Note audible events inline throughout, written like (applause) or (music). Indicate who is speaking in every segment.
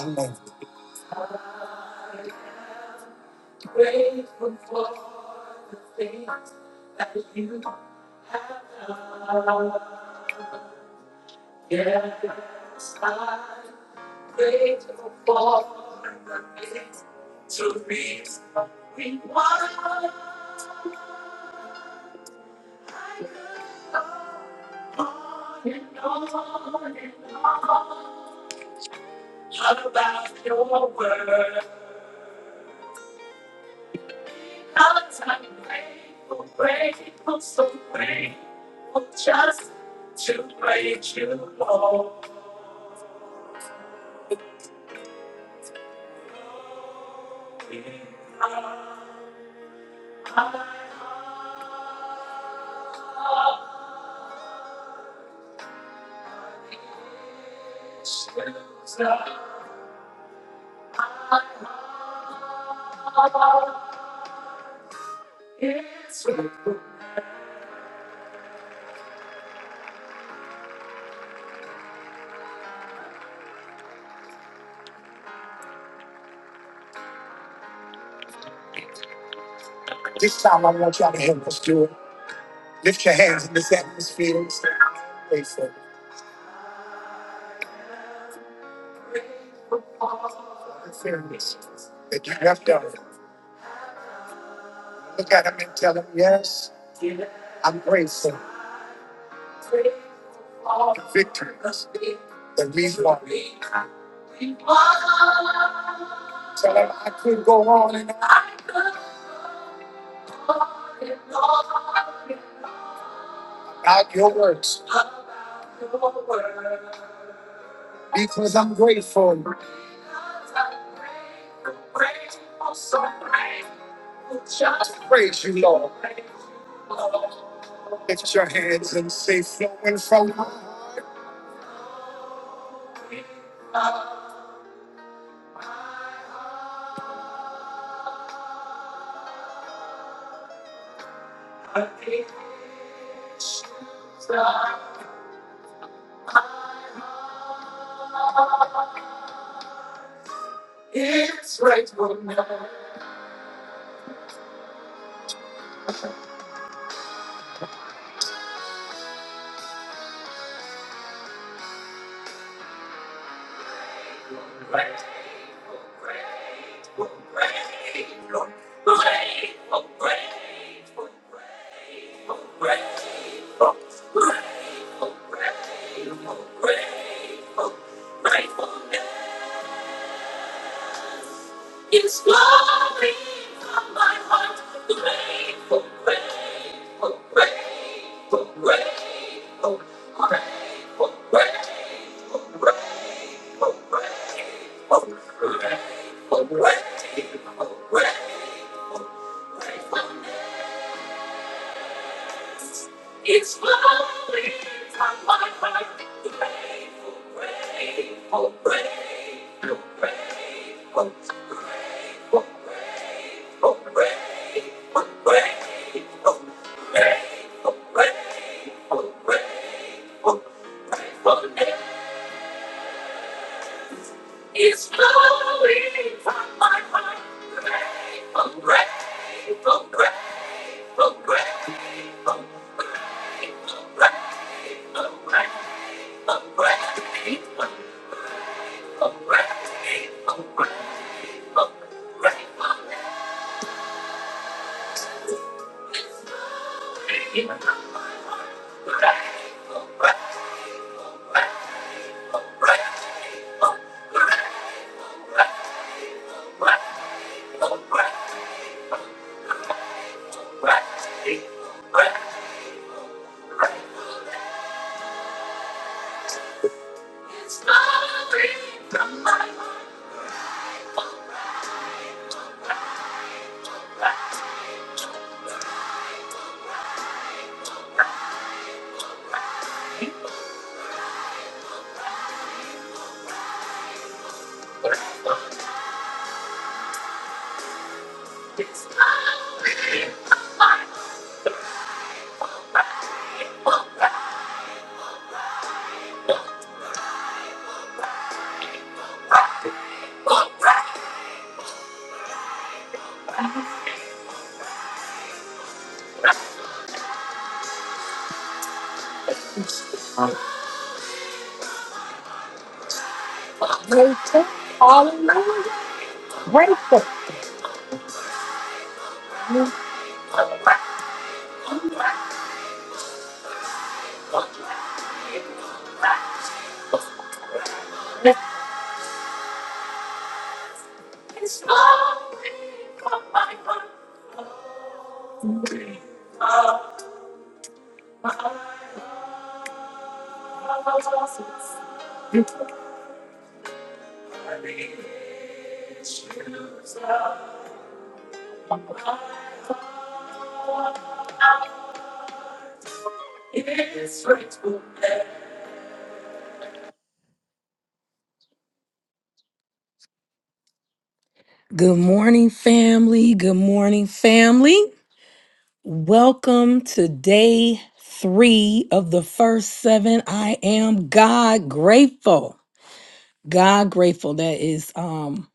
Speaker 1: Amen. This time I want y'all to help us do it. Lift your hands in this atmosphere and say, I'm grateful. That you look at him and tell him, yes, I'm grateful. Victor, that we tell him, I could go on and on about your works because I'm grateful. Praise you, Lord. Lift your hands and say, flowing from my heart. Grateful. Good morning, family. Good morning, family. Welcome to day three of the first seven. I am God grateful. God grateful. That is um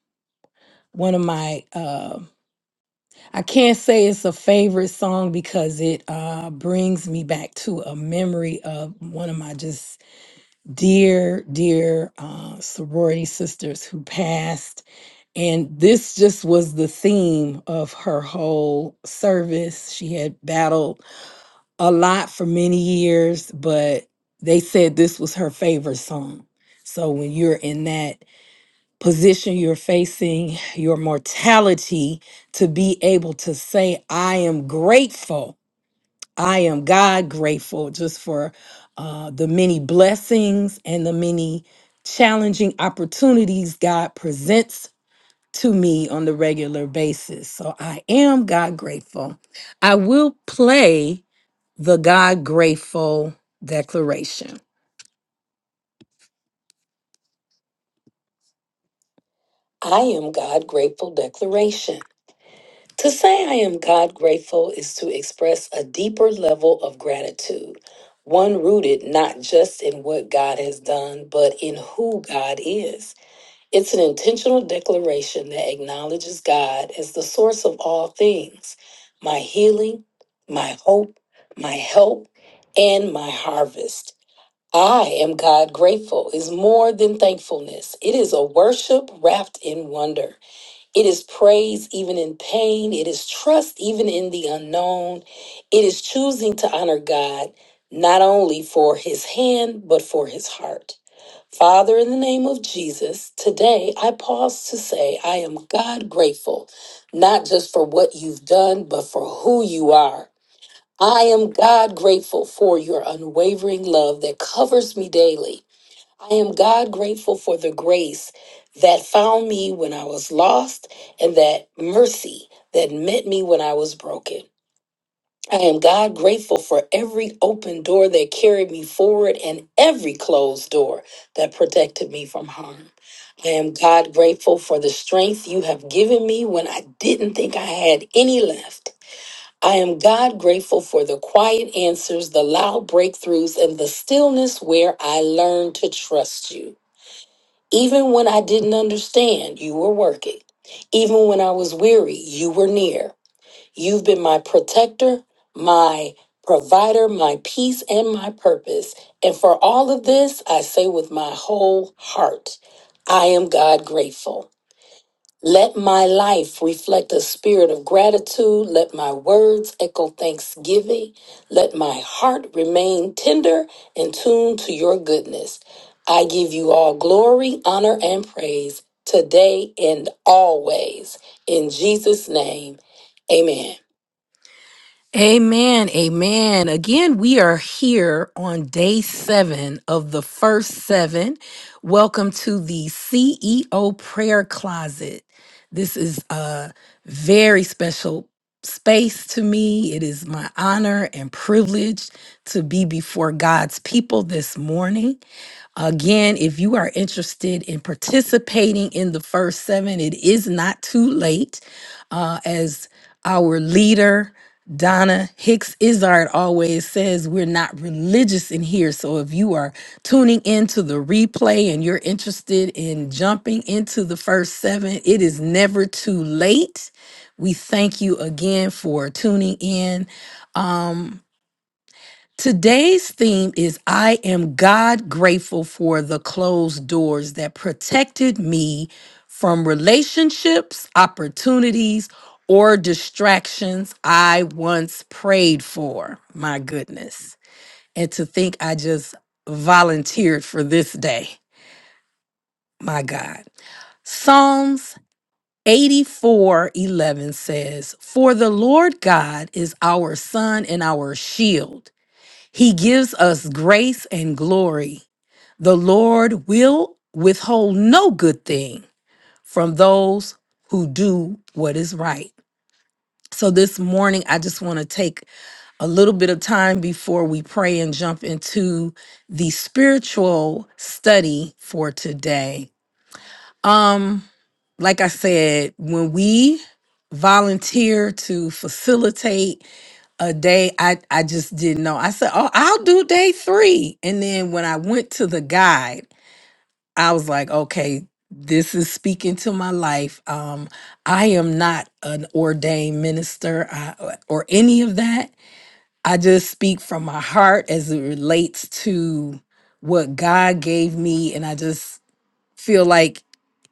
Speaker 1: one of my uh I can't say it's a favorite song because it uh brings me back to a memory of one of my just dear, dear uh sorority sisters who passed. And this just was the theme of her whole service. She had battled a lot for many years, but they said this was her favorite song. So when you're in that position, you're facing your mortality to be able to say, I am grateful. I am God grateful just for uh, the many blessings and the many challenging opportunities God presents to me on the regular basis. So I am God grateful. I will play. The God Grateful Declaration. I am God Grateful Declaration. To say I am God grateful is to express a deeper level of gratitude, one rooted not just in what God has done, but in who God is. It's an intentional declaration that acknowledges God as the source of all things my healing, my hope, my help, and my harvest. I am God grateful is more than thankfulness. It is a worship wrapped in wonder. It is praise even in pain. It is trust even in the unknown. It is choosing to honor God not only for his hand, but for his heart. Father, in the name of Jesus, today I pause to say I am God grateful, not just for what you've done, but for who you are. I am God grateful for your unwavering love that covers me daily I am God grateful for the grace that found me when I was lost and that mercy that met me when I was broken. I am God grateful for every open door that carried me forward and every closed door that protected me from harm. I am God grateful for the strength you have given me when I didn't think I had any left. I am God grateful for the quiet answers, the loud breakthroughs, and the stillness where I learned to trust you. Even when I didn't understand, you were working. Even when I was weary, you were near. You've been my protector, my provider, my peace, and my purpose. And for all of this, I say with my whole heart, I am God grateful. Let my life reflect a spirit of gratitude. Let my words echo thanksgiving. Let my heart remain tender and tuned to your goodness. I give you all glory, honor, and praise today and always. In Jesus' name, amen. Amen. Amen. Again, we are here on day seven of the first seven. Welcome to the CEO Prayer Closet. This is a very special space to me. It is my honor and privilege to be before God's people this morning. Again, if you are interested in participating in the first seven, it is not too late. Uh, as our leader, Donna Hicks Izard, always says, we're not religious in here. So if you are tuning into the replay and you're interested in jumping into the first seven, it is never too late. We thank you again for tuning in. Um, Today's theme is I am God grateful for the closed doors that protected me from relationships, opportunities, or distractions I once prayed for. My goodness. And to think I just volunteered for this day. My God. Psalms 84 11 says, For the Lord God is our sun and our shield. He gives us grace and glory. The Lord will withhold no good thing from those who do what is right. So this morning, I just want to take a little bit of time before we pray and jump into the spiritual study for today. Um, like I said, when we volunteer to facilitate a day I, I just didn't know. I said, Oh, I'll do day three. And then when I went to the guide, I was like, okay, this is speaking to my life. Um, I am not an ordained minister I, or any of that. I just speak from my heart as it relates to what God gave me. And I just feel like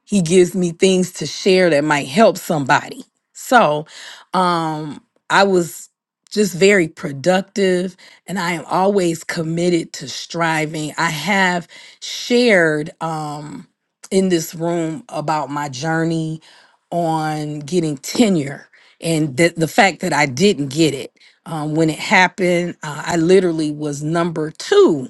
Speaker 1: he gives me things to share that might help somebody so um i was just very productive and i am always committed to striving i have shared um in this room about my journey on getting tenure and the, the fact that i didn't get it um, when it happened uh, i literally was number two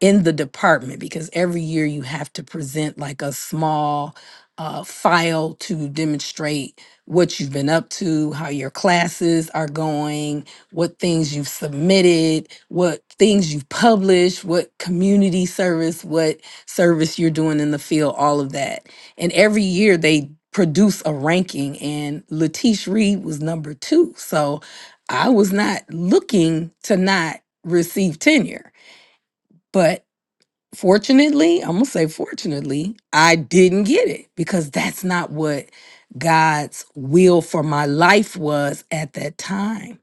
Speaker 1: in the department because every year you have to present like a small uh, file to demonstrate what you've been up to, how your classes are going, what things you've submitted, what things you've published, what community service, what service you're doing in the field, all of that. And every year they produce a ranking, and Latish Reed was number two. So I was not looking to not receive tenure. But fortunately, I'm gonna say fortunately, I didn't get it because that's not what God's will for my life was at that time.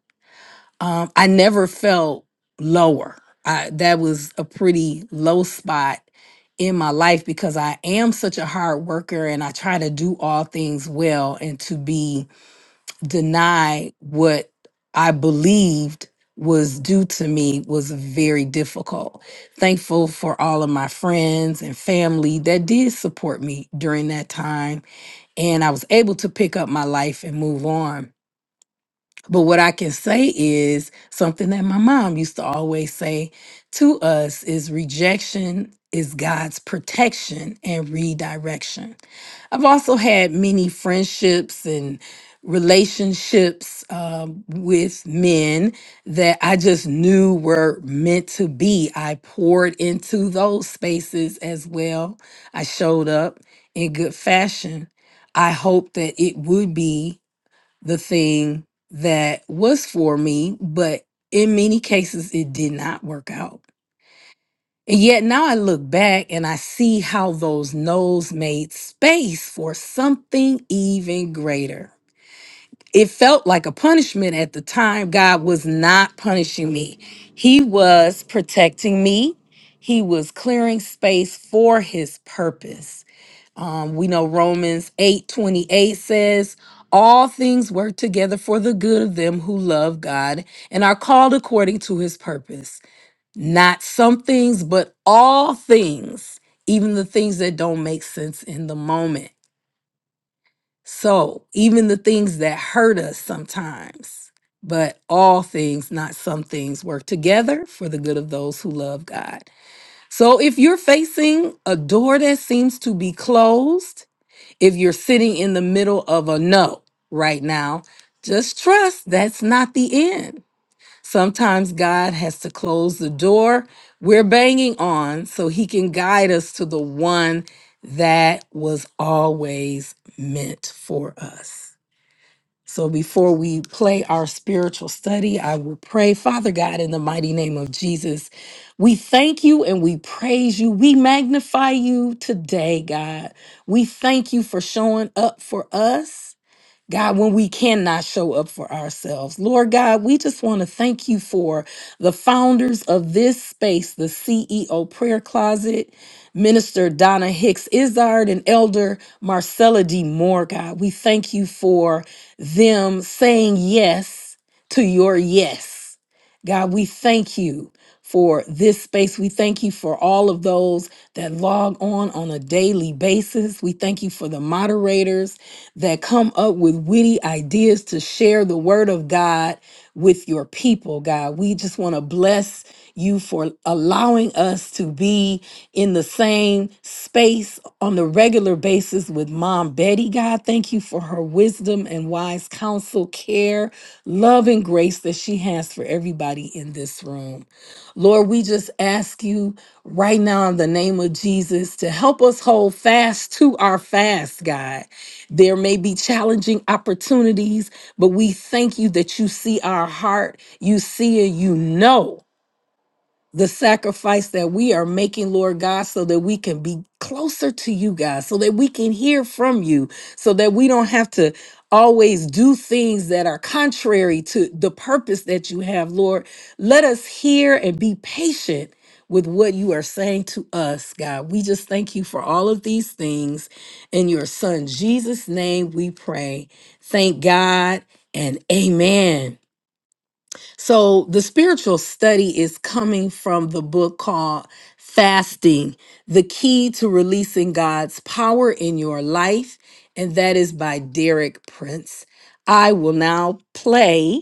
Speaker 1: Um, I never felt lower. I, that was a pretty low spot in my life because I am such a hard worker and I try to do all things well and to be deny what I believed was due to me was very difficult. Thankful for all of my friends and family that did support me during that time. And I was able to pick up my life and move on. But what I can say is something that my mom used to always say to us is rejection is God's protection and redirection. I've also had many friendships and relationships um, with men that I just knew were meant to be. I poured into those spaces as well. I showed up in good fashion. I hoped that it would be the thing that was for me, but in many cases it did not work out. And yet now I look back and I see how those no's made space for something even greater it felt like a punishment at the time. God was not punishing me, He was protecting me, He was clearing space for His purpose. Um, we know Romans 8 28 says, All things work together for the good of them who love God and are called according to his purpose. Not some things, but all things, even the things that don't make sense in the moment. So even the things that hurt us sometimes, but all things, not some things, work together for the good of those who love God. So if you're facing a door that seems to be closed, if you're sitting in the middle of a no right now, just trust that's not the end. Sometimes God has to close the door we're banging on so he can guide us to the one that was always meant for us. So before we play our spiritual study, I will pray, Father God, in the mighty name of Jesus. We thank you and we praise you. We magnify you today, God. We thank you for showing up for us. God, when we cannot show up for ourselves. Lord God, we just want to thank you for the founders of this space, the CEO Prayer Closet, Minister Donna Hicks Izard, and Elder Marcella D. Moore. God, we thank you for them saying yes to your yes. God, we thank you for this space. We thank you for all of those that log on on a daily basis. We thank you for the moderators that come up with witty ideas to share the word of God with your people, God. We just want to bless you for allowing us to be in the same space on the regular basis with Mom Betty, God. Thank you for her wisdom and wise counsel, care, love, and grace that she has for everybody in this room. Lord, we just ask you right now in the name of Jesus to help us hold fast to our fast, God. There may be challenging opportunities, but we thank you that you see our heart, you see and you know the sacrifice that we are making, Lord God, so that we can be closer to you, God, so that we can hear from you, so that we don't have to always do things that are contrary to the purpose that you have, Lord. Let us hear and be patient with what you are saying to us, God. We just thank you for all of these things. In your son Jesus' name we pray. Thank God and amen. So the spiritual study is coming from the book called Fasting, the key to releasing God's power in your life, and that is by Derek Prince. I will now play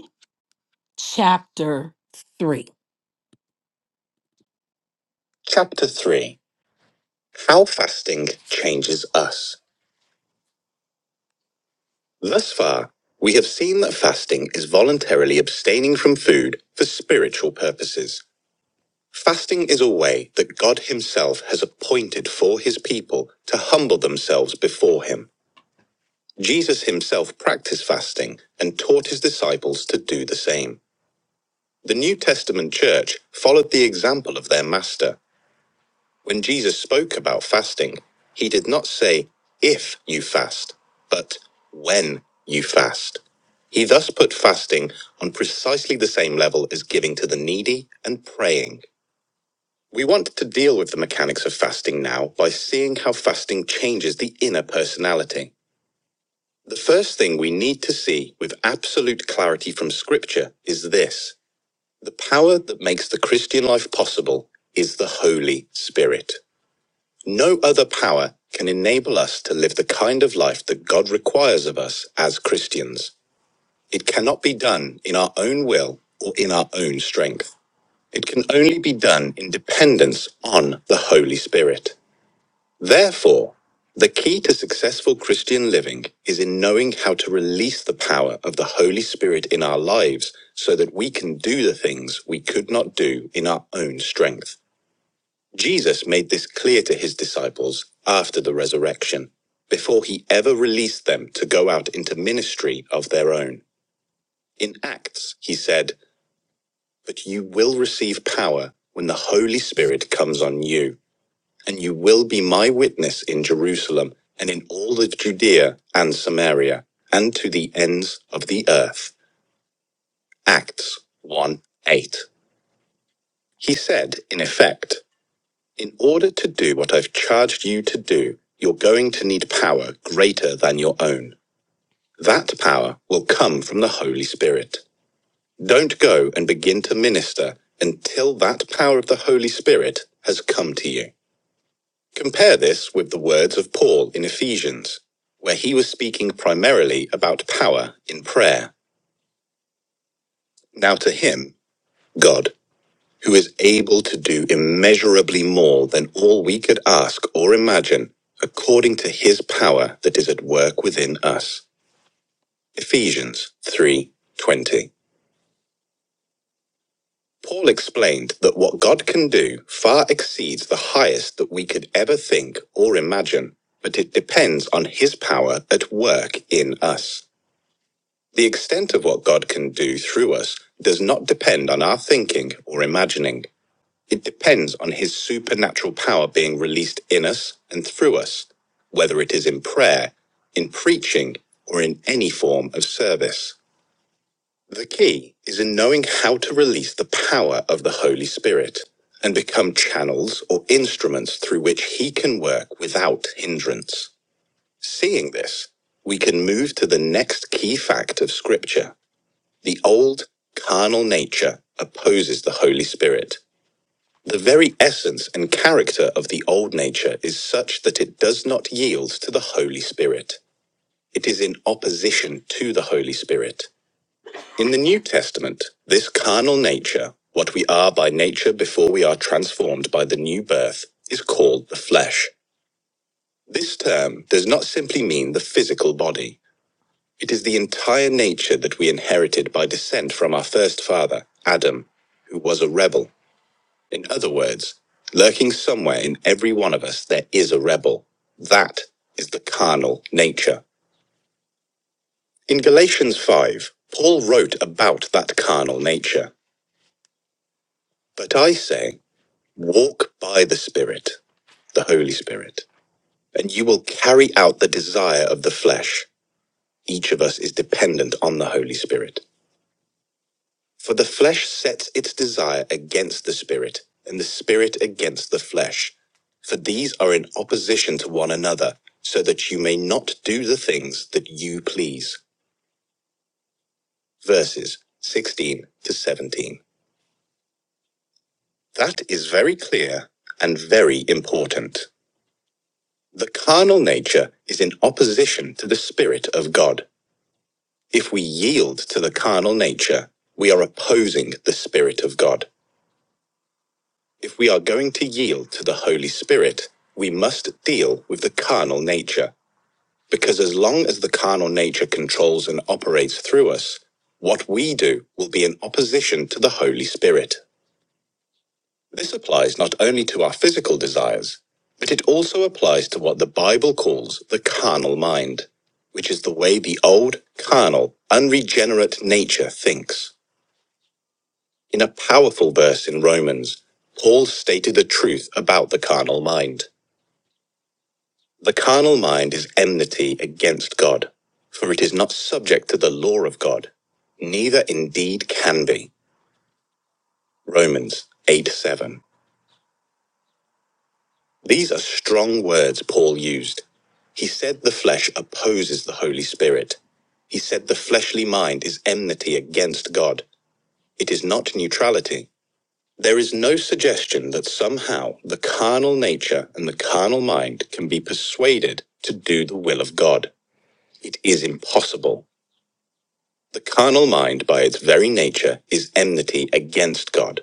Speaker 1: chapter 3. Chapter 3 How Fasting Changes Us. Thus far, we have seen that fasting is voluntarily abstaining from food for spiritual purposes. Fasting is a way that God Himself has appointed for His people to humble themselves before Him. Jesus Himself practiced fasting and taught His disciples to do the same. The New Testament church followed the example of their Master. When Jesus spoke about fasting, He did not say, if you fast, but when you fast. He thus put fasting on precisely the same level as giving to the needy and praying. We want to deal with the mechanics of fasting now by seeing how fasting changes the inner personality. The first thing we need to see with absolute clarity from Scripture is this the power that makes the Christian life possible is the Holy Spirit. No other power can enable us to live the kind of life that God requires of us as Christians. It cannot be done in our own will or in our own strength. It can only be done in dependence on the Holy Spirit. Therefore, the key to successful Christian living is in knowing how to release the power of the Holy Spirit in our lives so that we can do the things we could not do in our own strength. Jesus made this clear to his disciples after the resurrection, before he ever released them to go out into ministry of their own. In Acts, he said, But you will receive power when the Holy Spirit comes on you and you will be my witness in Jerusalem and in all the Judea and Samaria and to the ends of the earth. Acts 1 8. He said, in effect, in order to do what I've charged you to do, you're going to need power greater than your own. That power will come from the Holy Spirit. Don't go and begin to minister until that power of the Holy Spirit has come to you. Compare this with the words of Paul in Ephesians, where he was speaking primarily about power in prayer. Now to him, God, who is able to do immeasurably more than all we could ask or imagine, according to his power that is at work within us. Ephesians 3:20. Paul explained that what God can do far exceeds the highest that we could ever think or imagine, but it depends on his power at work in us. The extent of what God can do through us does not depend on our thinking or imagining. It depends on His supernatural power being released in us and through us, whether it is in prayer, in preaching, or in any form of service. The key is in knowing how to release the power of the Holy Spirit and become channels or instruments through which He can work without hindrance. Seeing this, we can move to the next key fact of Scripture. The old carnal nature opposes the Holy Spirit. The very essence and character of the old nature is such that it does not yield to the Holy Spirit. It is in opposition to the Holy Spirit. In the New Testament, this carnal nature, what we are by nature before we are transformed by the new birth, is called the flesh. This term does not simply mean the physical body. It is the entire nature that we inherited by descent from our first father, Adam, who was a rebel. In other words, lurking somewhere in every one of us, there is a rebel. That is the carnal nature. In Galatians 5, Paul wrote about that carnal nature. But I say, walk by the Spirit, the Holy Spirit, and you will carry out the desire of the flesh. Each of us is dependent on the Holy Spirit. For the flesh sets its desire against the spirit, and the spirit against the flesh. For these are in opposition to one another, so that you may not do the things that you please. Verses 16 to 17. That is very clear and very important. The carnal nature is in opposition to the spirit of God. If we yield to the carnal nature, we are opposing the spirit of God. If we are going to yield to the Holy Spirit, we must deal with the carnal nature. Because as long as the carnal nature controls and operates through us, what we do will be in opposition to the Holy Spirit. This applies not only to our physical desires, but it also applies to what the Bible calls the carnal mind, which is the way the old, carnal, unregenerate nature thinks. In a powerful verse in Romans, Paul stated the truth about the carnal mind. The carnal mind is enmity against God, for it is not subject to the law of God, neither indeed can be. Romans 8 7. These are strong words Paul used. He said the flesh opposes the Holy Spirit. He said the fleshly mind is enmity against God. It is not neutrality. There is no suggestion that somehow the carnal nature and the carnal mind can be persuaded to do the will of God. It is impossible. The carnal mind, by its very nature, is enmity against God.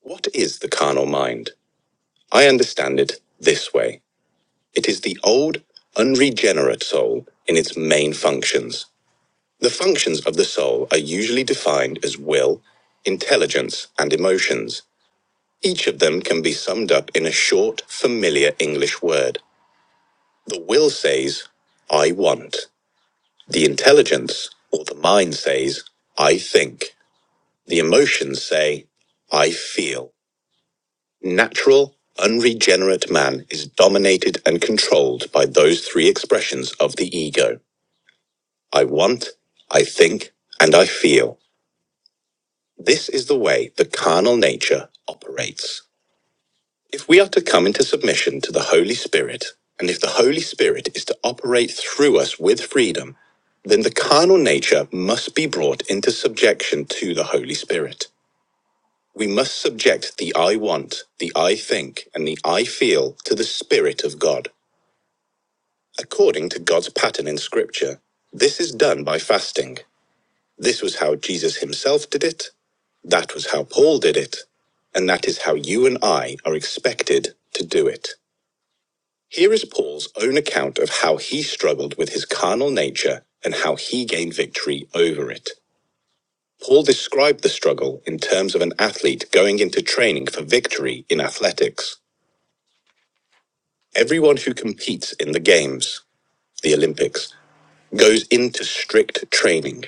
Speaker 1: What is the carnal mind? I understand it this way it is the old, unregenerate soul in its main functions. The functions of the soul are usually defined as will, intelligence, and emotions. Each of them can be summed up in a short, familiar English word. The will says, I want. The intelligence, or the mind says, I think. The emotions say, I feel. Natural, unregenerate man is dominated and controlled by those three expressions of the ego. I want, I think, and I feel. This is the way the carnal nature operates. If we are to come into submission to the Holy Spirit, and if the Holy Spirit is to operate through us with freedom, then the carnal nature must be brought into subjection to the Holy Spirit. We must subject the I want, the I think, and the I feel to the Spirit of God, according to God's pattern in Scripture. This is done by fasting. This was how Jesus himself did it. That was how Paul did it. And that is how you and I are expected to do it. Here is Paul's own account of how he struggled with his carnal nature and how he gained victory over it. Paul described the struggle in terms of an athlete going into training for victory in athletics. Everyone who competes in the Games, the Olympics, goes into strict training.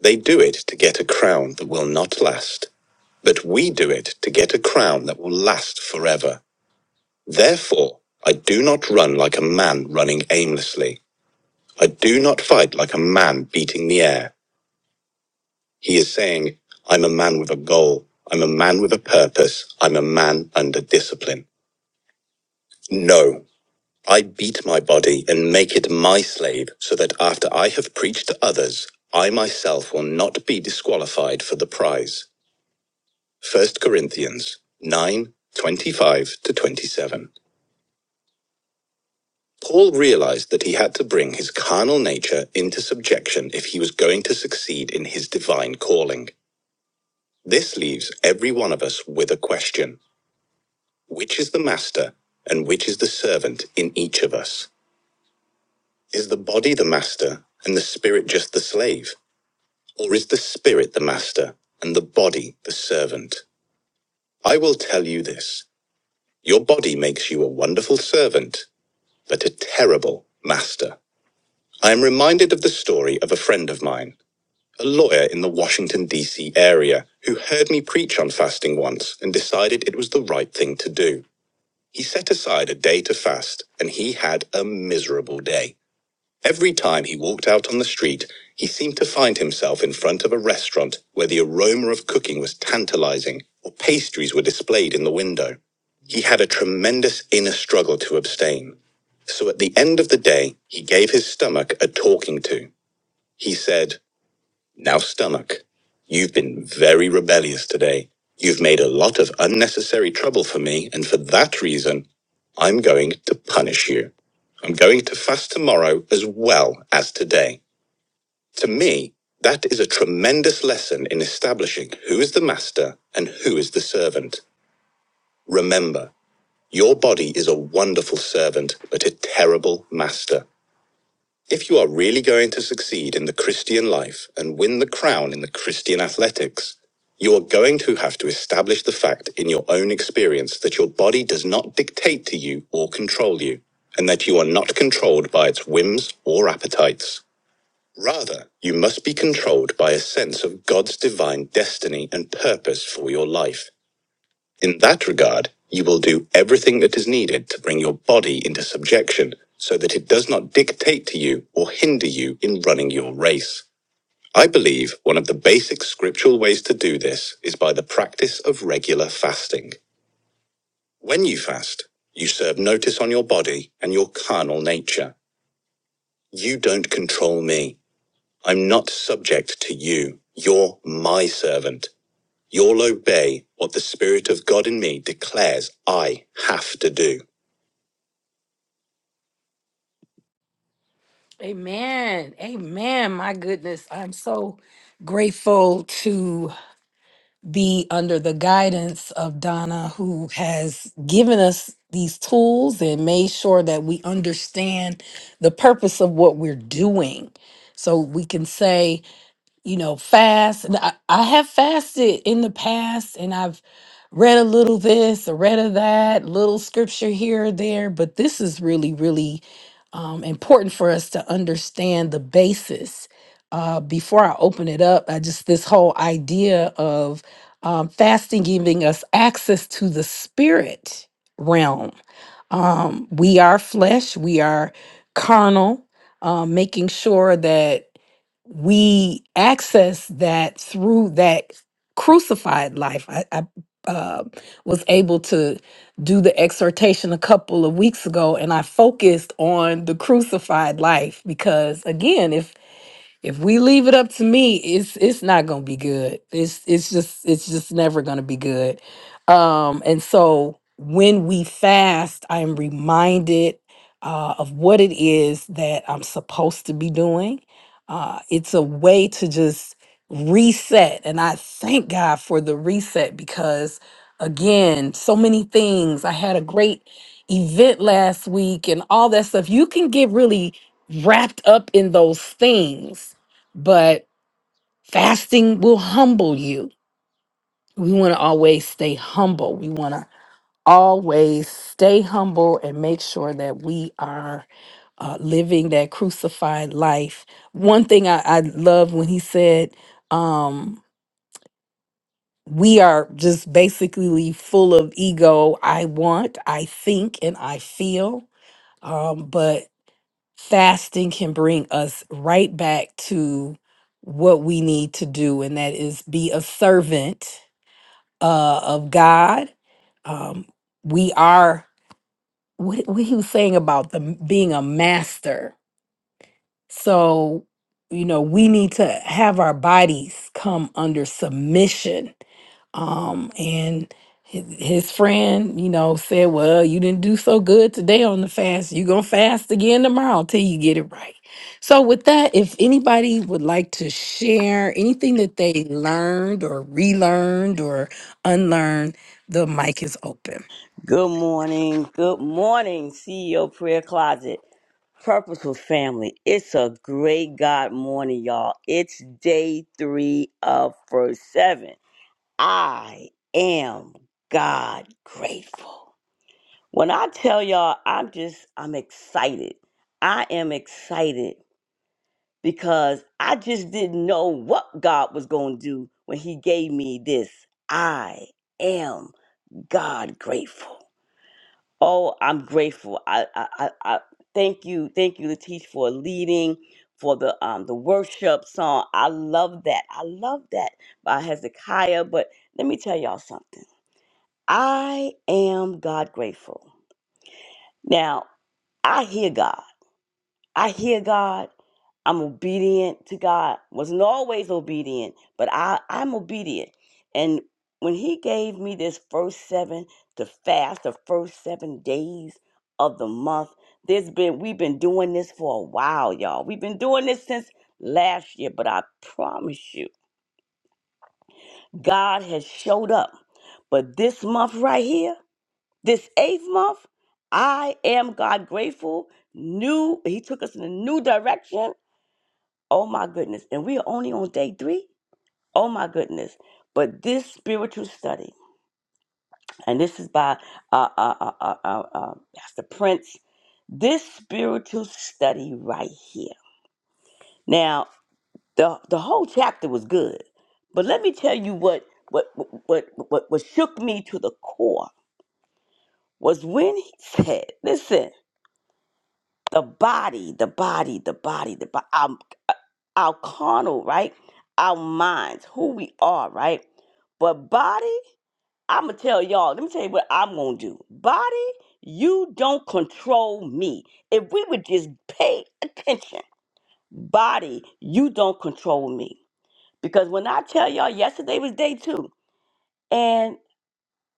Speaker 1: They do it to get a crown that will not last, but we do it to get a crown that will last forever. Therefore, I do not run like a man running aimlessly. I do not fight like a man beating the air. He is saying, I'm a man with a goal. I'm a man with a purpose. I'm a man under discipline. No. I beat my body and make it my slave, so that after I have preached to others, I myself will not be disqualified for the prize. First Corinthians 9 25 to 27. Paul realized that he had to bring his carnal nature into subjection if he was going to succeed in his divine calling. This leaves every one of us with a question Which is the master and which is the servant in each of us? Is the body the master and the spirit just the slave? Or is the spirit the master and the body the servant? I will tell you this. Your body makes you a wonderful servant, but a terrible master. I am reminded of the story of a friend of mine, a lawyer in the Washington, D.C. area, who heard me preach on fasting once and decided it was the right thing to do. He set aside a day to fast, and he had a miserable day. Every time he walked out on the street, he seemed to find himself in front of a restaurant where the aroma of cooking was tantalizing or pastries were displayed in the window. He had a tremendous inner struggle to abstain. So at the end of the day, he gave his stomach a talking to. He said, Now, stomach, you've been very rebellious today. You've made a lot of unnecessary trouble for me, and for that reason, I'm going to punish you. I'm going to fast tomorrow as well as today. To me, that is a tremendous lesson in establishing who is the master and who is the servant. Remember, your body is a wonderful servant, but a terrible master. If you are really going to succeed in the Christian life and win the crown in the Christian athletics, you are going to have to establish the fact in your own experience that your body does not dictate to you or control you, and that you are not controlled by its whims or appetites. Rather, you must be controlled by a sense of God's divine destiny and purpose for your life. In that regard, you will do everything that is needed to bring your body into subjection so that it does not dictate to you or hinder you in running your race. I believe one of the basic scriptural ways to do this is by the practice of regular fasting. When you fast, you serve notice on your body and your carnal nature. You don't control me. I'm not subject to you. You're my servant. You'll obey what the Spirit of God in me declares I have to do. Amen. Amen. My goodness. I'm so grateful to be under the guidance of Donna, who has given us these tools and made sure that we understand the purpose of what we're doing. So we can say, you know, fast. And I, I have fasted in the past and I've read a little this, a read of that, little scripture here or there, but this is really, really um, important for us to understand the basis. Uh, before I open it up, I just this whole idea of um, fasting giving us access to the spirit realm. Um, we are flesh, we are carnal, um, making sure that we access that through that crucified life. I, I uh, was able to do the exhortation a couple of weeks ago, and I focused on the crucified life because, again, if if we leave it up to me, it's it's not gonna be good. It's it's just it's just never gonna be good. Um, and so when we fast, I am reminded uh, of what it is that I'm supposed to be doing. Uh, it's a way to just reset, and I thank God for the reset because again, so many things. I had a great event last week, and all that stuff. You can get really wrapped up in those things but fasting will humble you. We want to always stay humble. We want to always stay humble and make sure that we are uh, living that crucified life. One thing I, I love when he said, um, we are just basically full of ego. I want, I think, and I feel. Um, but fasting can bring us right back to what we need to do, and that is be a servant uh, of God. Um, we are what, what he was saying about the m- being a master. So you know we need to have our bodies come under submission um, and his, his friend, you know, said, Well, you didn't do so good today on the fast. You're going to fast again tomorrow till you get it right. So, with that, if anybody would like to share anything that they learned or relearned or unlearned, the mic is open.
Speaker 2: Good morning. Good morning, CEO Prayer Closet, Purposeful Family. It's a great God morning, y'all. It's day three of verse seven. I am God grateful. When I tell y'all, I'm just, I'm excited. I am excited because I just didn't know what God was going to do when He gave me this. I am God grateful. Oh, I'm grateful. I, I, I, I thank you, thank you, Latish, for leading for the um the worship song. I love that. I love that by Hezekiah. But let me tell y'all something. I am God grateful. Now I hear God. I hear God. I'm obedient to God. Wasn't always obedient, but I, I'm obedient. And when he gave me this first seven to fast the first seven days of the month, there's been we've been doing this for a while, y'all. We've been doing this since last year, but I promise you, God has showed up. But this month right here, this eighth month, I am God grateful. New, he took us in a new direction Oh my goodness. And we are only on day three. Oh my goodness. But this spiritual study, and this is by uh, uh, uh, uh, uh, uh, uh, Pastor Prince, this spiritual study right here. Now, the, the whole chapter was good, but let me tell you what, what, what, what, what shook me to the core was when he said, listen, the body, the body, the body, the body. our carnal, right? Our minds, who we are, right? But body, I'm gonna tell y'all, let me tell you what I'm gonna do. Body, you don't control me. If we would just pay attention, body, you don't control me. Because when I tell y'all, yesterday was day two, and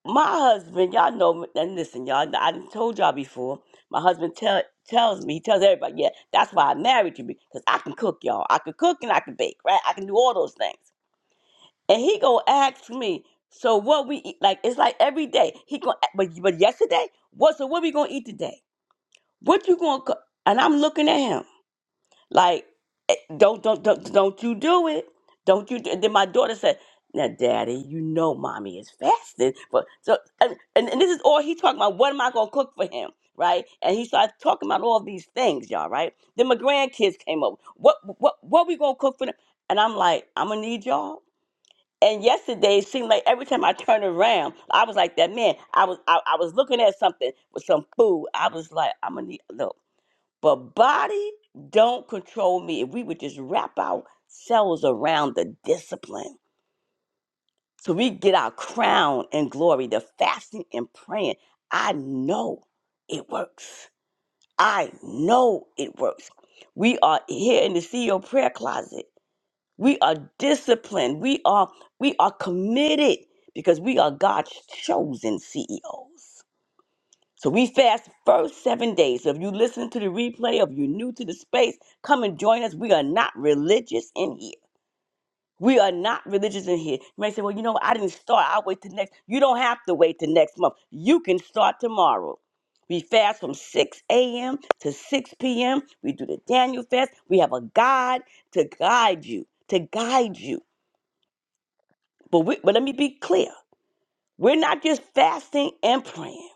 Speaker 2: my husband, y'all know, and listen, y'all, I done told y'all before, my husband tell, tells me, he tells everybody, yeah, that's why I married you, because I can cook, y'all. I can cook and I can bake, right? I can do all those things. and he gonna ask me. So what we eat? Like it's like every day he gonna. a- But but yesterday, what? So what we gonna eat today? What you gonna? cook? And I'm looking at him like, eh, don't don't don't don't you do it? Don't you? do- And then my daughter said, "Now, Daddy, you know, mommy is fasting." But so and, and and this is all he talking about. What am I gonna cook for him? Right? And he started talking about all these things, y'all. Right? Then my grandkids came up. What what what we gonna cook for them? And I'm like, I'm gonna need y'all. And yesterday, it seemed like every time I turned around, I was like that man. I was I, I was looking at something with some food. I was like, I'm gonna need look. But body don't control me. If we would just wrap ourselves around the discipline, so we get our crown and glory, the fasting and praying. I know it works. I know it works. We are here in the CEO prayer closet. We are disciplined. We are we are committed because we are God's chosen CEOs. So we fast first seven days. So if you listen to the replay, if you're new to the space, come and join us. We are not religious in here. We are not religious in here. You may say, well, you know, what? I didn't start. I'll wait till next. You don't have to wait till next month. You can start tomorrow. We fast from 6 a.m. to 6 p.m. We do the Daniel fast. We have a guide to guide you, to guide you. But we, but let me be clear. We're not just fasting and praying.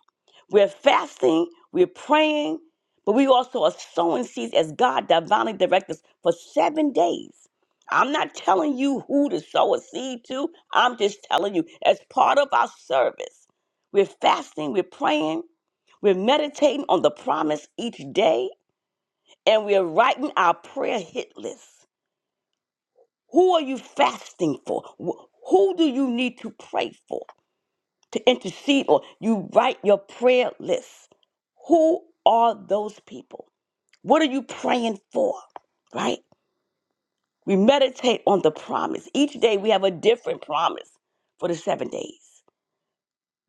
Speaker 2: We're fasting, we're praying, but we also are sowing seeds as God divinely directs us for seven days. I'm not telling you who to sow a seed to. I'm just telling you, as part of our service, we're fasting, we're praying, we're meditating on the promise each day, and we're writing our prayer hit list. Who are you fasting for? Wh- Who do you need to pray for? to intercede on. You write your prayer list. Who are those people? What are you praying for? Right? We meditate on the promise. Each day we have a different promise for the seven days.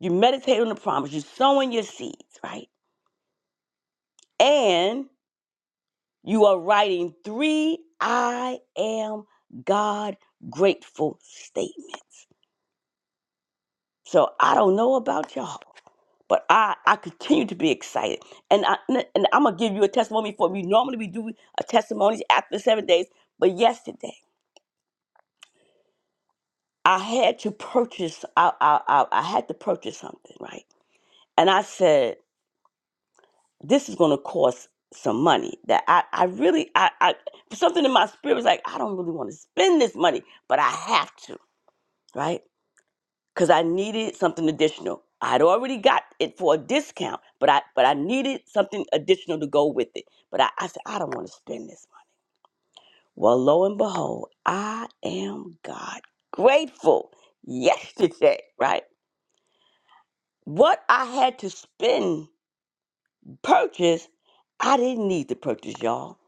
Speaker 2: You meditate on the promise. You're sowing your seeds, right? And you are writing three I am God grateful statements. So I don't know about y'all, but I, I continue to be excited. And, I, and I'm going to give you a testimony for me. Normally we do a testimonies after seven days, but yesterday I had to purchase, I, I, I, I had to purchase something, right? And I said, this is going to cost some money that I, I really, I, I, something in my spirit was like, I don't really want to spend this money, but I have to, right? because I needed something additional. I had already got it for a discount, but I but I needed something additional to go with it. But I, I said, I don't want to spend this money. Well, lo and behold, I am God grateful yesterday, right? What I had to spend, purchase, I didn't need to purchase, y'all,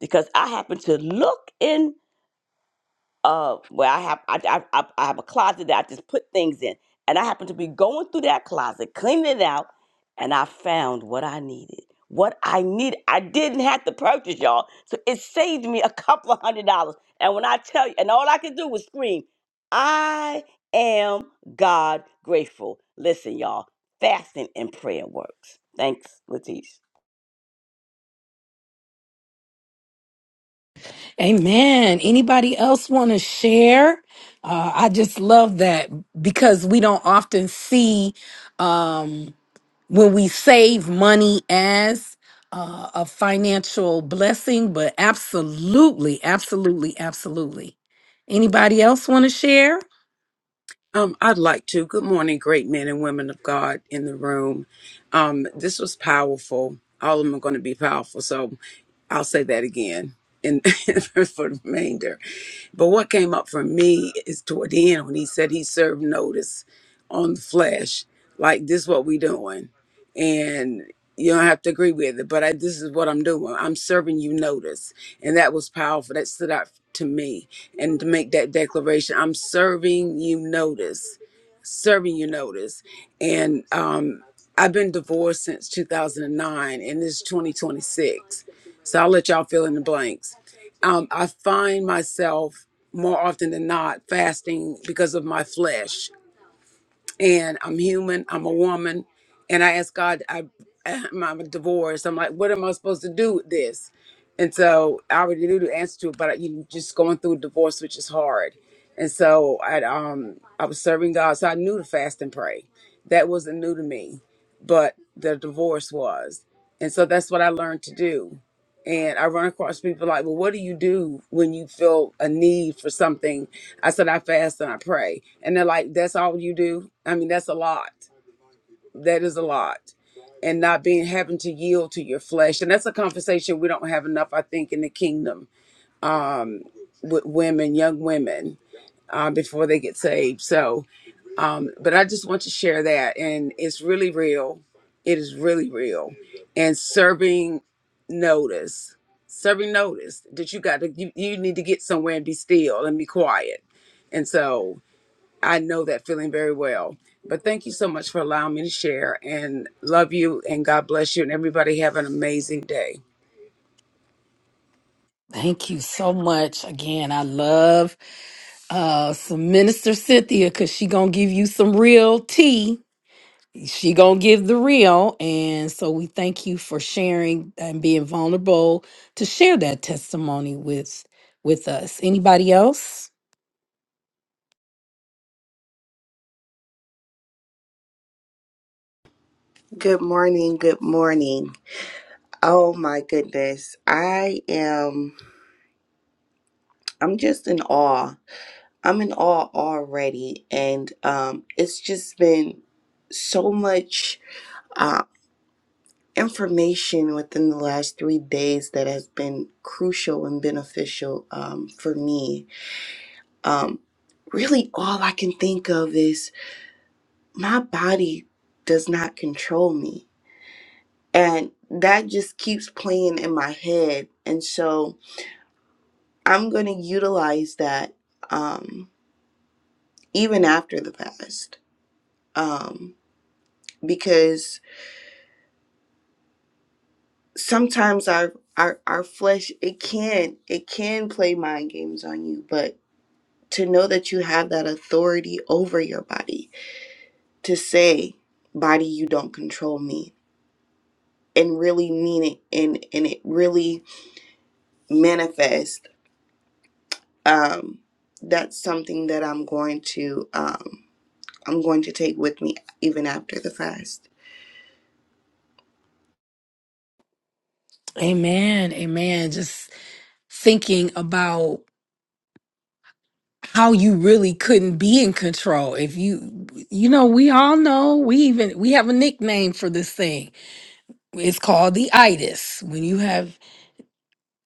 Speaker 2: because I happened to look in. uh where I have I, I I I have a closet that I just put things in, and I happened to be going through that closet, cleaning it out, and I found what I needed. What I needed, I didn't have to purchase, y'all. So it saved me a couple of hundred dollars. And when I tell you, and all I could do was scream, "I am God grateful." Listen, y'all, fasting and prayer works. Thanks, Latish.
Speaker 1: Amen. Anybody else want to share? Uh, I just love that because we don't often see. Um, when we save money as uh, a financial blessing, but absolutely, absolutely, absolutely. Anybody else want to share?
Speaker 3: Um, I'd like to. Good morning, great men and women of God in the room. Um, this was powerful. All of them are going to be powerful. So I'll say that again in, (laughs) for the remainder. But what came up for me is toward the end when he said he served notice on the flesh. Like this what we doing and you don't have to agree with it but I, this is what i'm doing i'm serving you notice and that was powerful that stood out to me and to make that declaration i'm serving you notice serving you notice and um i've been divorced since 2009 and this is 2026 so i'll let y'all fill in the blanks um i find myself more often than not fasting because of my flesh and I'm human. I'm a woman, and I asked God, I, (clears throat) I'm divorced. I'm like, what am I supposed to do with this? And so I already knew the answer to it, but you just going through a divorce, which is hard. And so I, um, I was serving God, so I knew to fast and pray. That wasn't new to me, but the divorce was, and so that's what I learned to do and I run across people like, well, what do you do when you feel a need for something? I said, I fast and I pray. And they're like, that's all you do? I mean, that's a lot. That is a lot. And not being having to yield to your flesh. And that's a conversation we don't have enough, I think, in the kingdom with women, young women, uh, before they get saved. So, um, but I just want to share that, and it's really real. It is really real. And serving notice, serving notice that you got to you, you need to get somewhere and be still and be quiet. And so I know that feeling very well. But thank you so much for allowing me to share, and love you, and God bless you, and everybody have an amazing day.
Speaker 1: Thank you so much. Again, I love uh, some Minister Cynthia because she gonna give you some real tea. She gonna give the real, and so we thank you for sharing and being vulnerable to share that testimony with with us. Anybody else?
Speaker 4: Good morning. Good morning. Oh my goodness. I am I'm just in awe. I'm in awe already and um it's just been so much uh information within the last 3 days that has been crucial and beneficial um for me. Um really all I can think of is my body does not control me. And that just keeps playing in my head. And so I'm going to utilize that um, even after the past um, because sometimes our, our our flesh it can it can play mind games on you, but to know that you have that authority over your body to say body you don't control me and really mean it and and it really manifest um that's something that i'm going to um i'm going to take with me even after the fast
Speaker 1: Amen. Amen. Just thinking about how you really couldn't be in control if you you know we all know we even we have a nickname for this thing it's called the itis when you have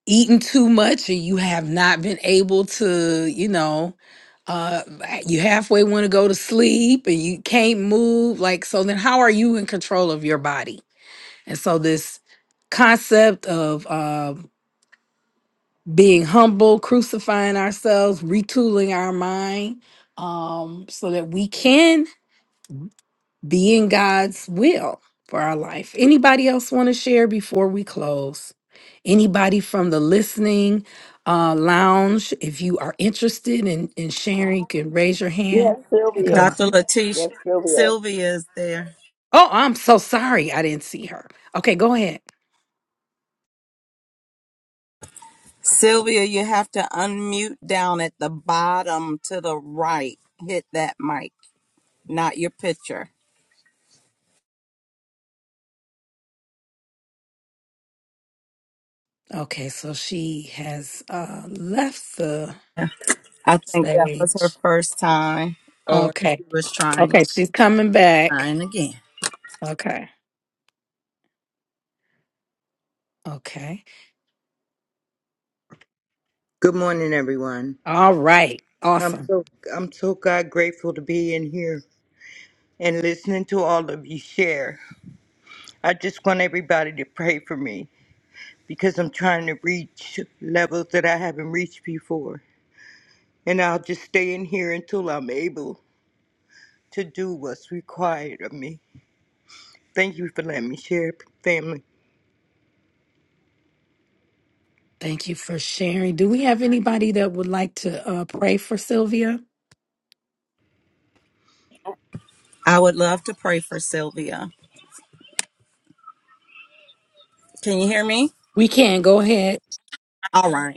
Speaker 1: eaten too much and you have not been able to you know uh you halfway want to go to sleep and you can't move like so then how are you in control of your body and so this concept of um being humble, crucifying ourselves, retooling our mind um, so that we can be in God's will for our life. Anybody else want to share before we close? Anybody from the listening uh, lounge, if you are interested in, in sharing, you can raise your
Speaker 2: Yes,
Speaker 1: hand and
Speaker 2: Sylvia.
Speaker 1: come up.
Speaker 5: Dr. Latish,
Speaker 2: Yes, Sylvia.
Speaker 5: Sylvia is there.
Speaker 1: Oh, I'm so sorry. I didn't see her. Okay, go ahead.
Speaker 5: Sylvia, you have to unmute down at the bottom to the right. Hit that mic, not your picture.
Speaker 1: Okay, so she has uh left the
Speaker 5: I think that was her
Speaker 1: stage.
Speaker 5: first time, or
Speaker 1: Okay.
Speaker 5: she was trying,
Speaker 1: Okay, she's coming back.
Speaker 5: trying again.
Speaker 1: Okay. Okay.
Speaker 6: Good morning, everyone.
Speaker 1: All right.
Speaker 6: I'm
Speaker 1: Awesome.
Speaker 6: so I'm so God grateful to be in here and listening to all of you share. I just want everybody to pray for me because I'm trying to reach levels that I haven't reached before, and I'll just stay in here until I'm able to do what's required of me. Thank you for letting me share, family.
Speaker 1: Thank you for sharing. Do we have anybody that would like to uh pray for Sylvia?
Speaker 5: I would love to pray for Sylvia. Can you hear me?
Speaker 1: We can go ahead.
Speaker 5: All right.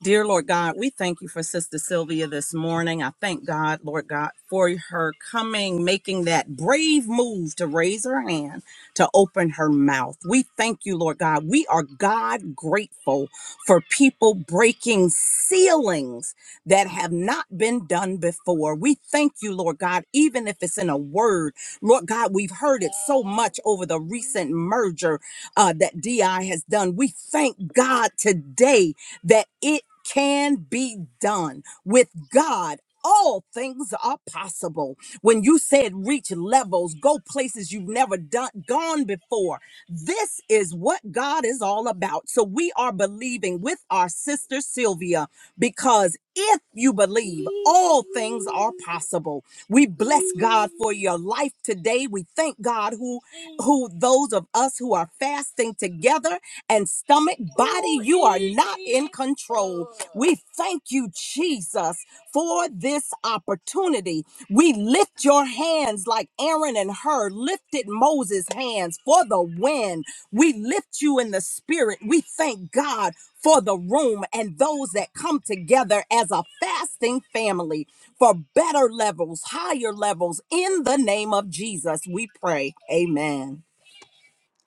Speaker 5: Dear Lord God, we thank you for Sister Sylvia this morning. I thank God, Lord God, for her coming, making that brave move to raise her hand to open her mouth. We thank you, Lord God. We are God grateful for people breaking ceilings that have not been done before. We thank you, Lord God, even if it's in a word. Lord God, we've heard it so much over the recent merger uh, that DI has done. We thank God today that it can be done with God. All things are possible. When you said reach levels, go places you've never done gone before. This is what God is all about. So we are believing with our sister Sylvia because if you believe, all things are possible. We bless God for your life today. We thank God who who those of us who are fasting together and stomach, body, you are not in control. We thank you, Jesus, for this opportunity. We lift your hands like Aaron and Hur lifted Moses' hands for the wind. We lift you in the spirit. We thank God for the room and those that come together as a fasting family for better levels, higher levels. In the name of Jesus, we pray. Amen.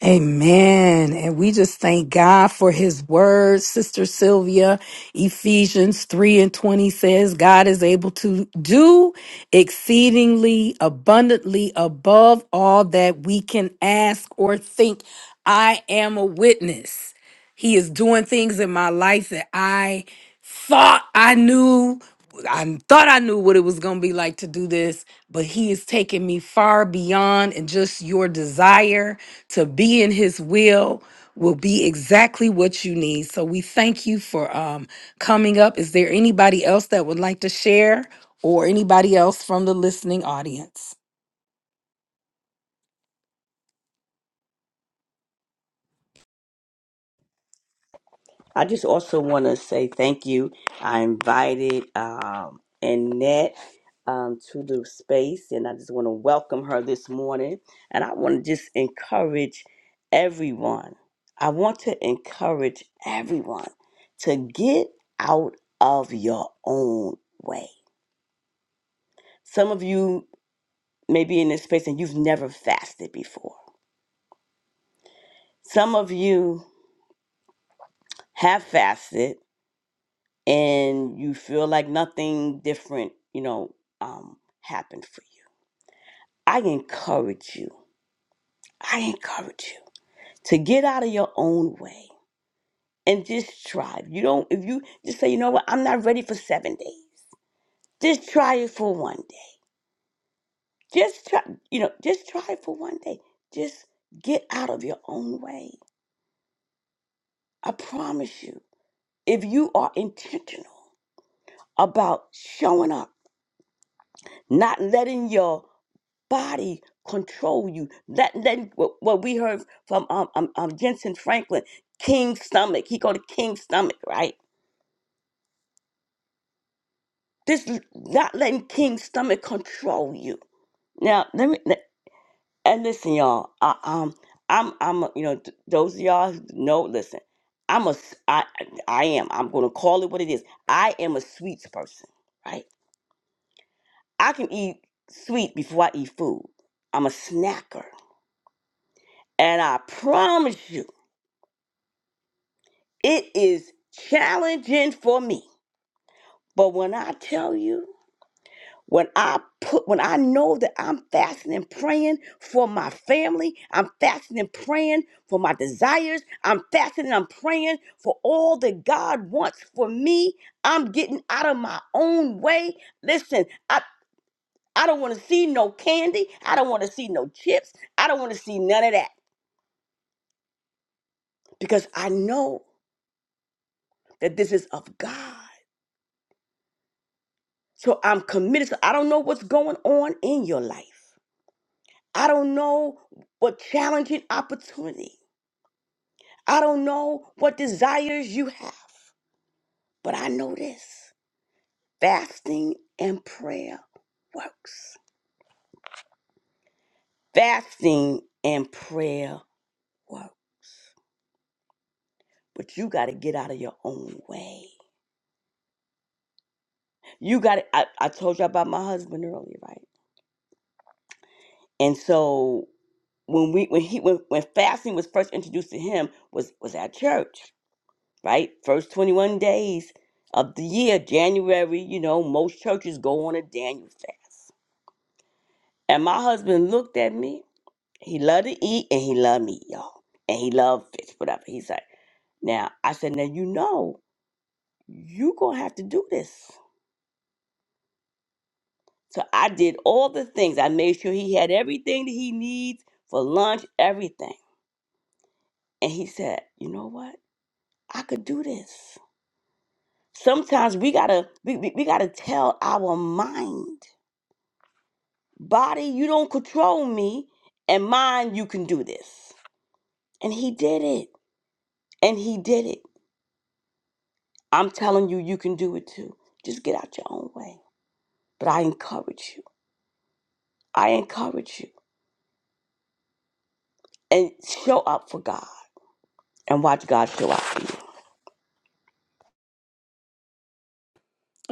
Speaker 1: Amen. And we just thank God for his word. Sister Sylvia, Ephesians 3 and 20 says, God is able to do exceedingly abundantly above all that we can ask or think. I am a witness. He is doing things in my life that I thought I knew. I thought I knew what it was going to be like to do this, but he is taking me far beyond, and just your desire to be in his will will be exactly what you need. So we thank you for um, coming up. Is there anybody else that would like to share or anybody else from the listening audience?
Speaker 2: I just also want to say thank you. I invited um, Annette um, to the space, and I just want to welcome her this morning. And I want to just encourage everyone. I want to encourage everyone to get out of your own way. Some of you may be in this space and you've never fasted before. Some of you have fasted and you feel like nothing different, you know, um, happened for you. I encourage you. I encourage you to get out of your own way and just try. You don't. If you just say, you know what, I'm not ready for seven days. Just try it for one day. Just try. You know, just try it for one day. Just get out of your own way. I promise you. If you are intentional about showing up, not letting your body control you. That then what, what we heard from um, um um Jensen Franklin, King stomach. He called it King stomach, right? This l- not letting King stomach control you. Now let me let- and listen, y'all. I, um, I'm I'm a- you know th- those of y'all who know. Listen, I'm a s- I I I am. I'm gonna call it what it is. I am a sweets person, right? I can eat sweet before I eat food. I'm a snacker, and I promise you. It is challenging for me. But when I tell you, when I put when I know that I'm fasting and praying for my family, I'm fasting and praying for my desires, I'm fasting and I'm praying for all that God wants for me. I'm getting out of my own way. Listen, I I don't want to see no candy. I don't want to see no chips. I don't want to see none of that because I know that this is of God. So I'm committed. So I don't know what's going on in your life. I don't know what challenging opportunity. I don't know what desires you have. But I know this fasting and prayer works. Fasting and prayer work. But you got to get out of your own way. You got to, I, I told you about my husband earlier, right? And so when we when he when, when fasting was first introduced to him was was at church right? First 21 days of the year, January, you know, most churches go on a Daniel fast. And my husband looked at me. He loved to eat and he loved meat, y'all. And he loved fish, whatever. He's like, now, I said, now you know, you going to have to do this. So I did all the things. I made sure he had everything that he needs for lunch, everything. And he said, you know what? I could do this. Sometimes we gotta we, we, we gotta tell our mind Body, you don't control me, and mind, you can do this. And he did it. And he did it. I'm telling you, you can do it too. Just get out your own way. But I encourage you. I encourage you. And show up for God and watch God show up for you.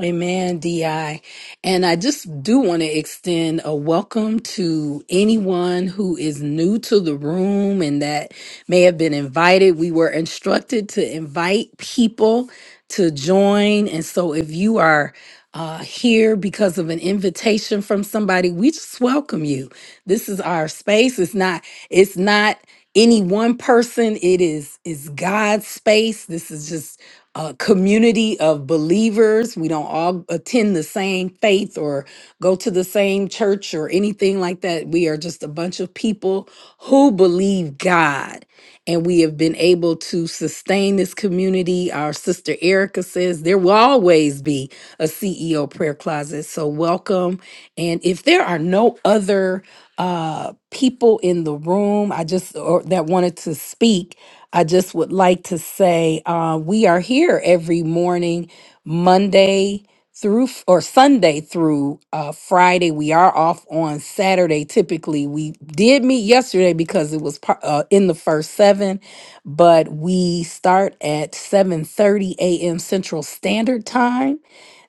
Speaker 1: Amen, DI. And I just do want to extend a welcome to anyone who is new to the room and that may have been invited. We were instructed to invite people to join. And so if you are uh, here because of an invitation from somebody, we just welcome you. This is our space. It's not, it's not any one person. It is, it's God's space. This is just a community of believers. We don't all attend the same faith or go to the same church or anything like that. We are just a bunch of people who believe God. And we have been able to sustain this community. Our sister Erica says there will always be a CEO prayer closet. So, welcome. And if there are no other uh, people in the room, I just or that wanted to speak, I just would like to say uh, we are here every morning, Monday through f- or Sunday through uh, Friday. We are off on Saturday. Typically, we did meet yesterday because it was par- uh, in the first seven, but we start at seven thirty a.m. Central Standard Time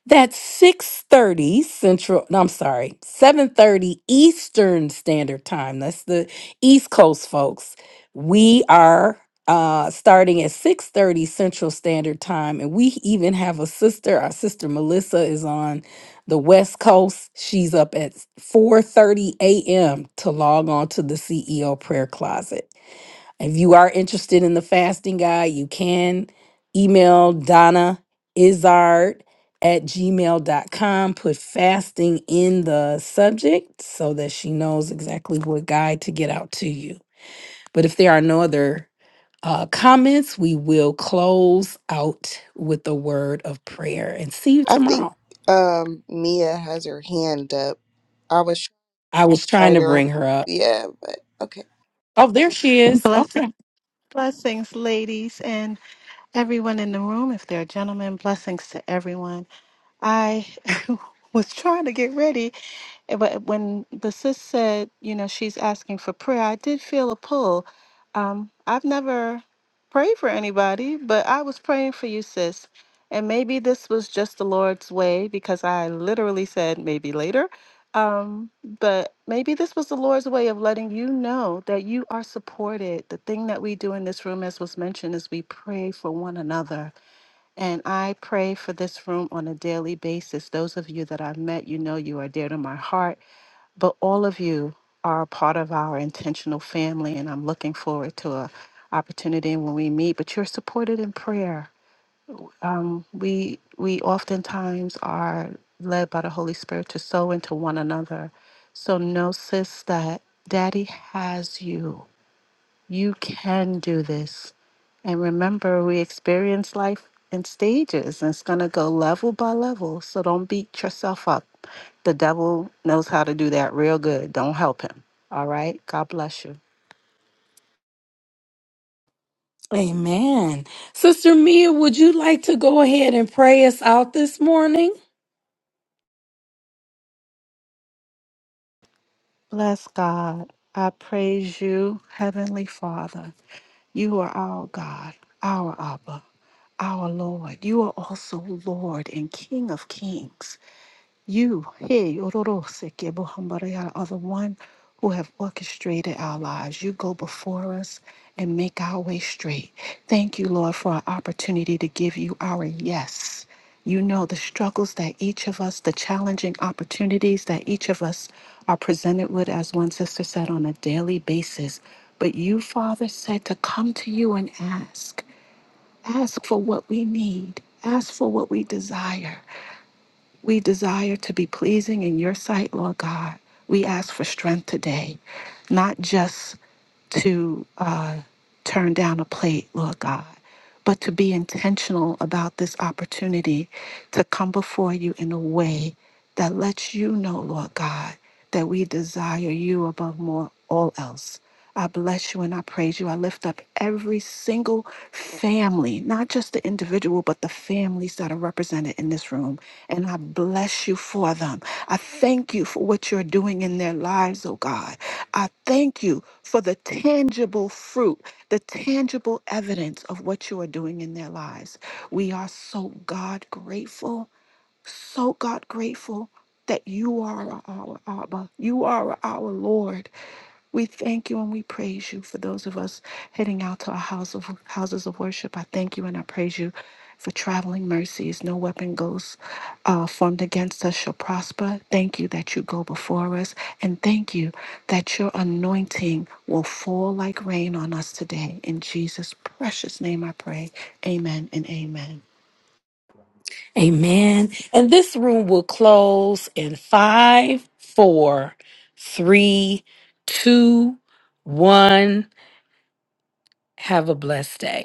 Speaker 1: that's 6:30 Central, no, I'm sorry, 7:30 Eastern Standard Time. That's the East Coast folks. We are uh starting at 6:30 Central Standard Time and we even have a sister. Our sister Melissa is on the West Coast. She's up at 4:30 a.m. to log on to the CEO prayer closet. If you are interested in the fasting guide, you can email Donna Izard at gmail dot com. Put fasting in the subject so that she knows exactly what guide to get out to you. But if there are no other uh, comments, we will close out with the word of prayer and see you
Speaker 4: I think
Speaker 1: tomorrow.
Speaker 4: um Mia has her hand up. I was
Speaker 1: I was trying
Speaker 4: trying
Speaker 1: to
Speaker 4: to write her. up.
Speaker 1: bring her up.
Speaker 4: Yeah, but okay.
Speaker 1: Oh, there she is. Okay.
Speaker 7: Blessings, blessings, ladies, and everyone in the room. If there are gentlemen, blessings to everyone. I (laughs) was trying to get ready, eh, but when the sis said, you know, she's asking for prayer, I did feel a pull. Um, I've never prayed for anybody, but I was praying for you, sis. And maybe this was just the Lord's way because I literally said maybe later. Um, but maybe this was the Lord's way of letting you know that you are supported. The thing that we do in this room, as was mentioned, is we pray for one another and I pray for this room on a daily basis. Those of you that I've met, you know you are dear to my heart, but all of you are a part of our intentional family, and I'm looking forward to a opportunity when we meet. But you're supported in prayer. Um, we we oftentimes are led by the Holy Spirit to sow into one another. So know, sis, that Daddy has you. You can do this. And remember, we experience life in stages, and it's going to go level by level. So don't beat yourself up. The devil knows how to do that real good. Don't help him. All right? God bless you.
Speaker 1: Amen. Sister Mia, would you like to go ahead and pray us out this morning?
Speaker 7: Bless God. I praise you, Heavenly Father. You are our God, our Abba, our Lord. You are also Lord and King of Kings. You, hey, Ororoseke Bohambaraya, are the one who have orchestrated our lives. You go before us and make our way straight. Thank you, Lord, for our opportunity to give you our yes. You know the struggles that each of us, the challenging opportunities that each of us are presented with, as one sister said, on a daily basis. But you, Father, said to come to you and ask. Ask for what we need. Ask for what we desire. We desire to be pleasing in your sight, Lord God. We ask for strength today, not just to uh, turn down a plate, Lord God, but to be intentional about this opportunity to come before you in a way that lets you know, Lord God, that we desire you above more all else. I bless you and I praise you. I lift up every single family family, not just the individual, but the families that are represented in this room. And I bless you for them. I thank you for what you're doing in their lives, oh God. I thank you for the tangible fruit, the tangible evidence of what you are doing in their lives. We are so God grateful. So, God, grateful that you are our Abba. You are our Lord. We thank you and we praise you for those of us heading out to our house of, houses of worship. I thank you and I praise you for traveling mercies. No weapon goes uh, formed against us shall prosper. Thank you that you go before us. And thank you that your anointing will fall like rain on us today. In Jesus' precious name I pray. Amen and amen.
Speaker 1: Amen. And this room will close in five, four, three, two, one. Have a blessed day.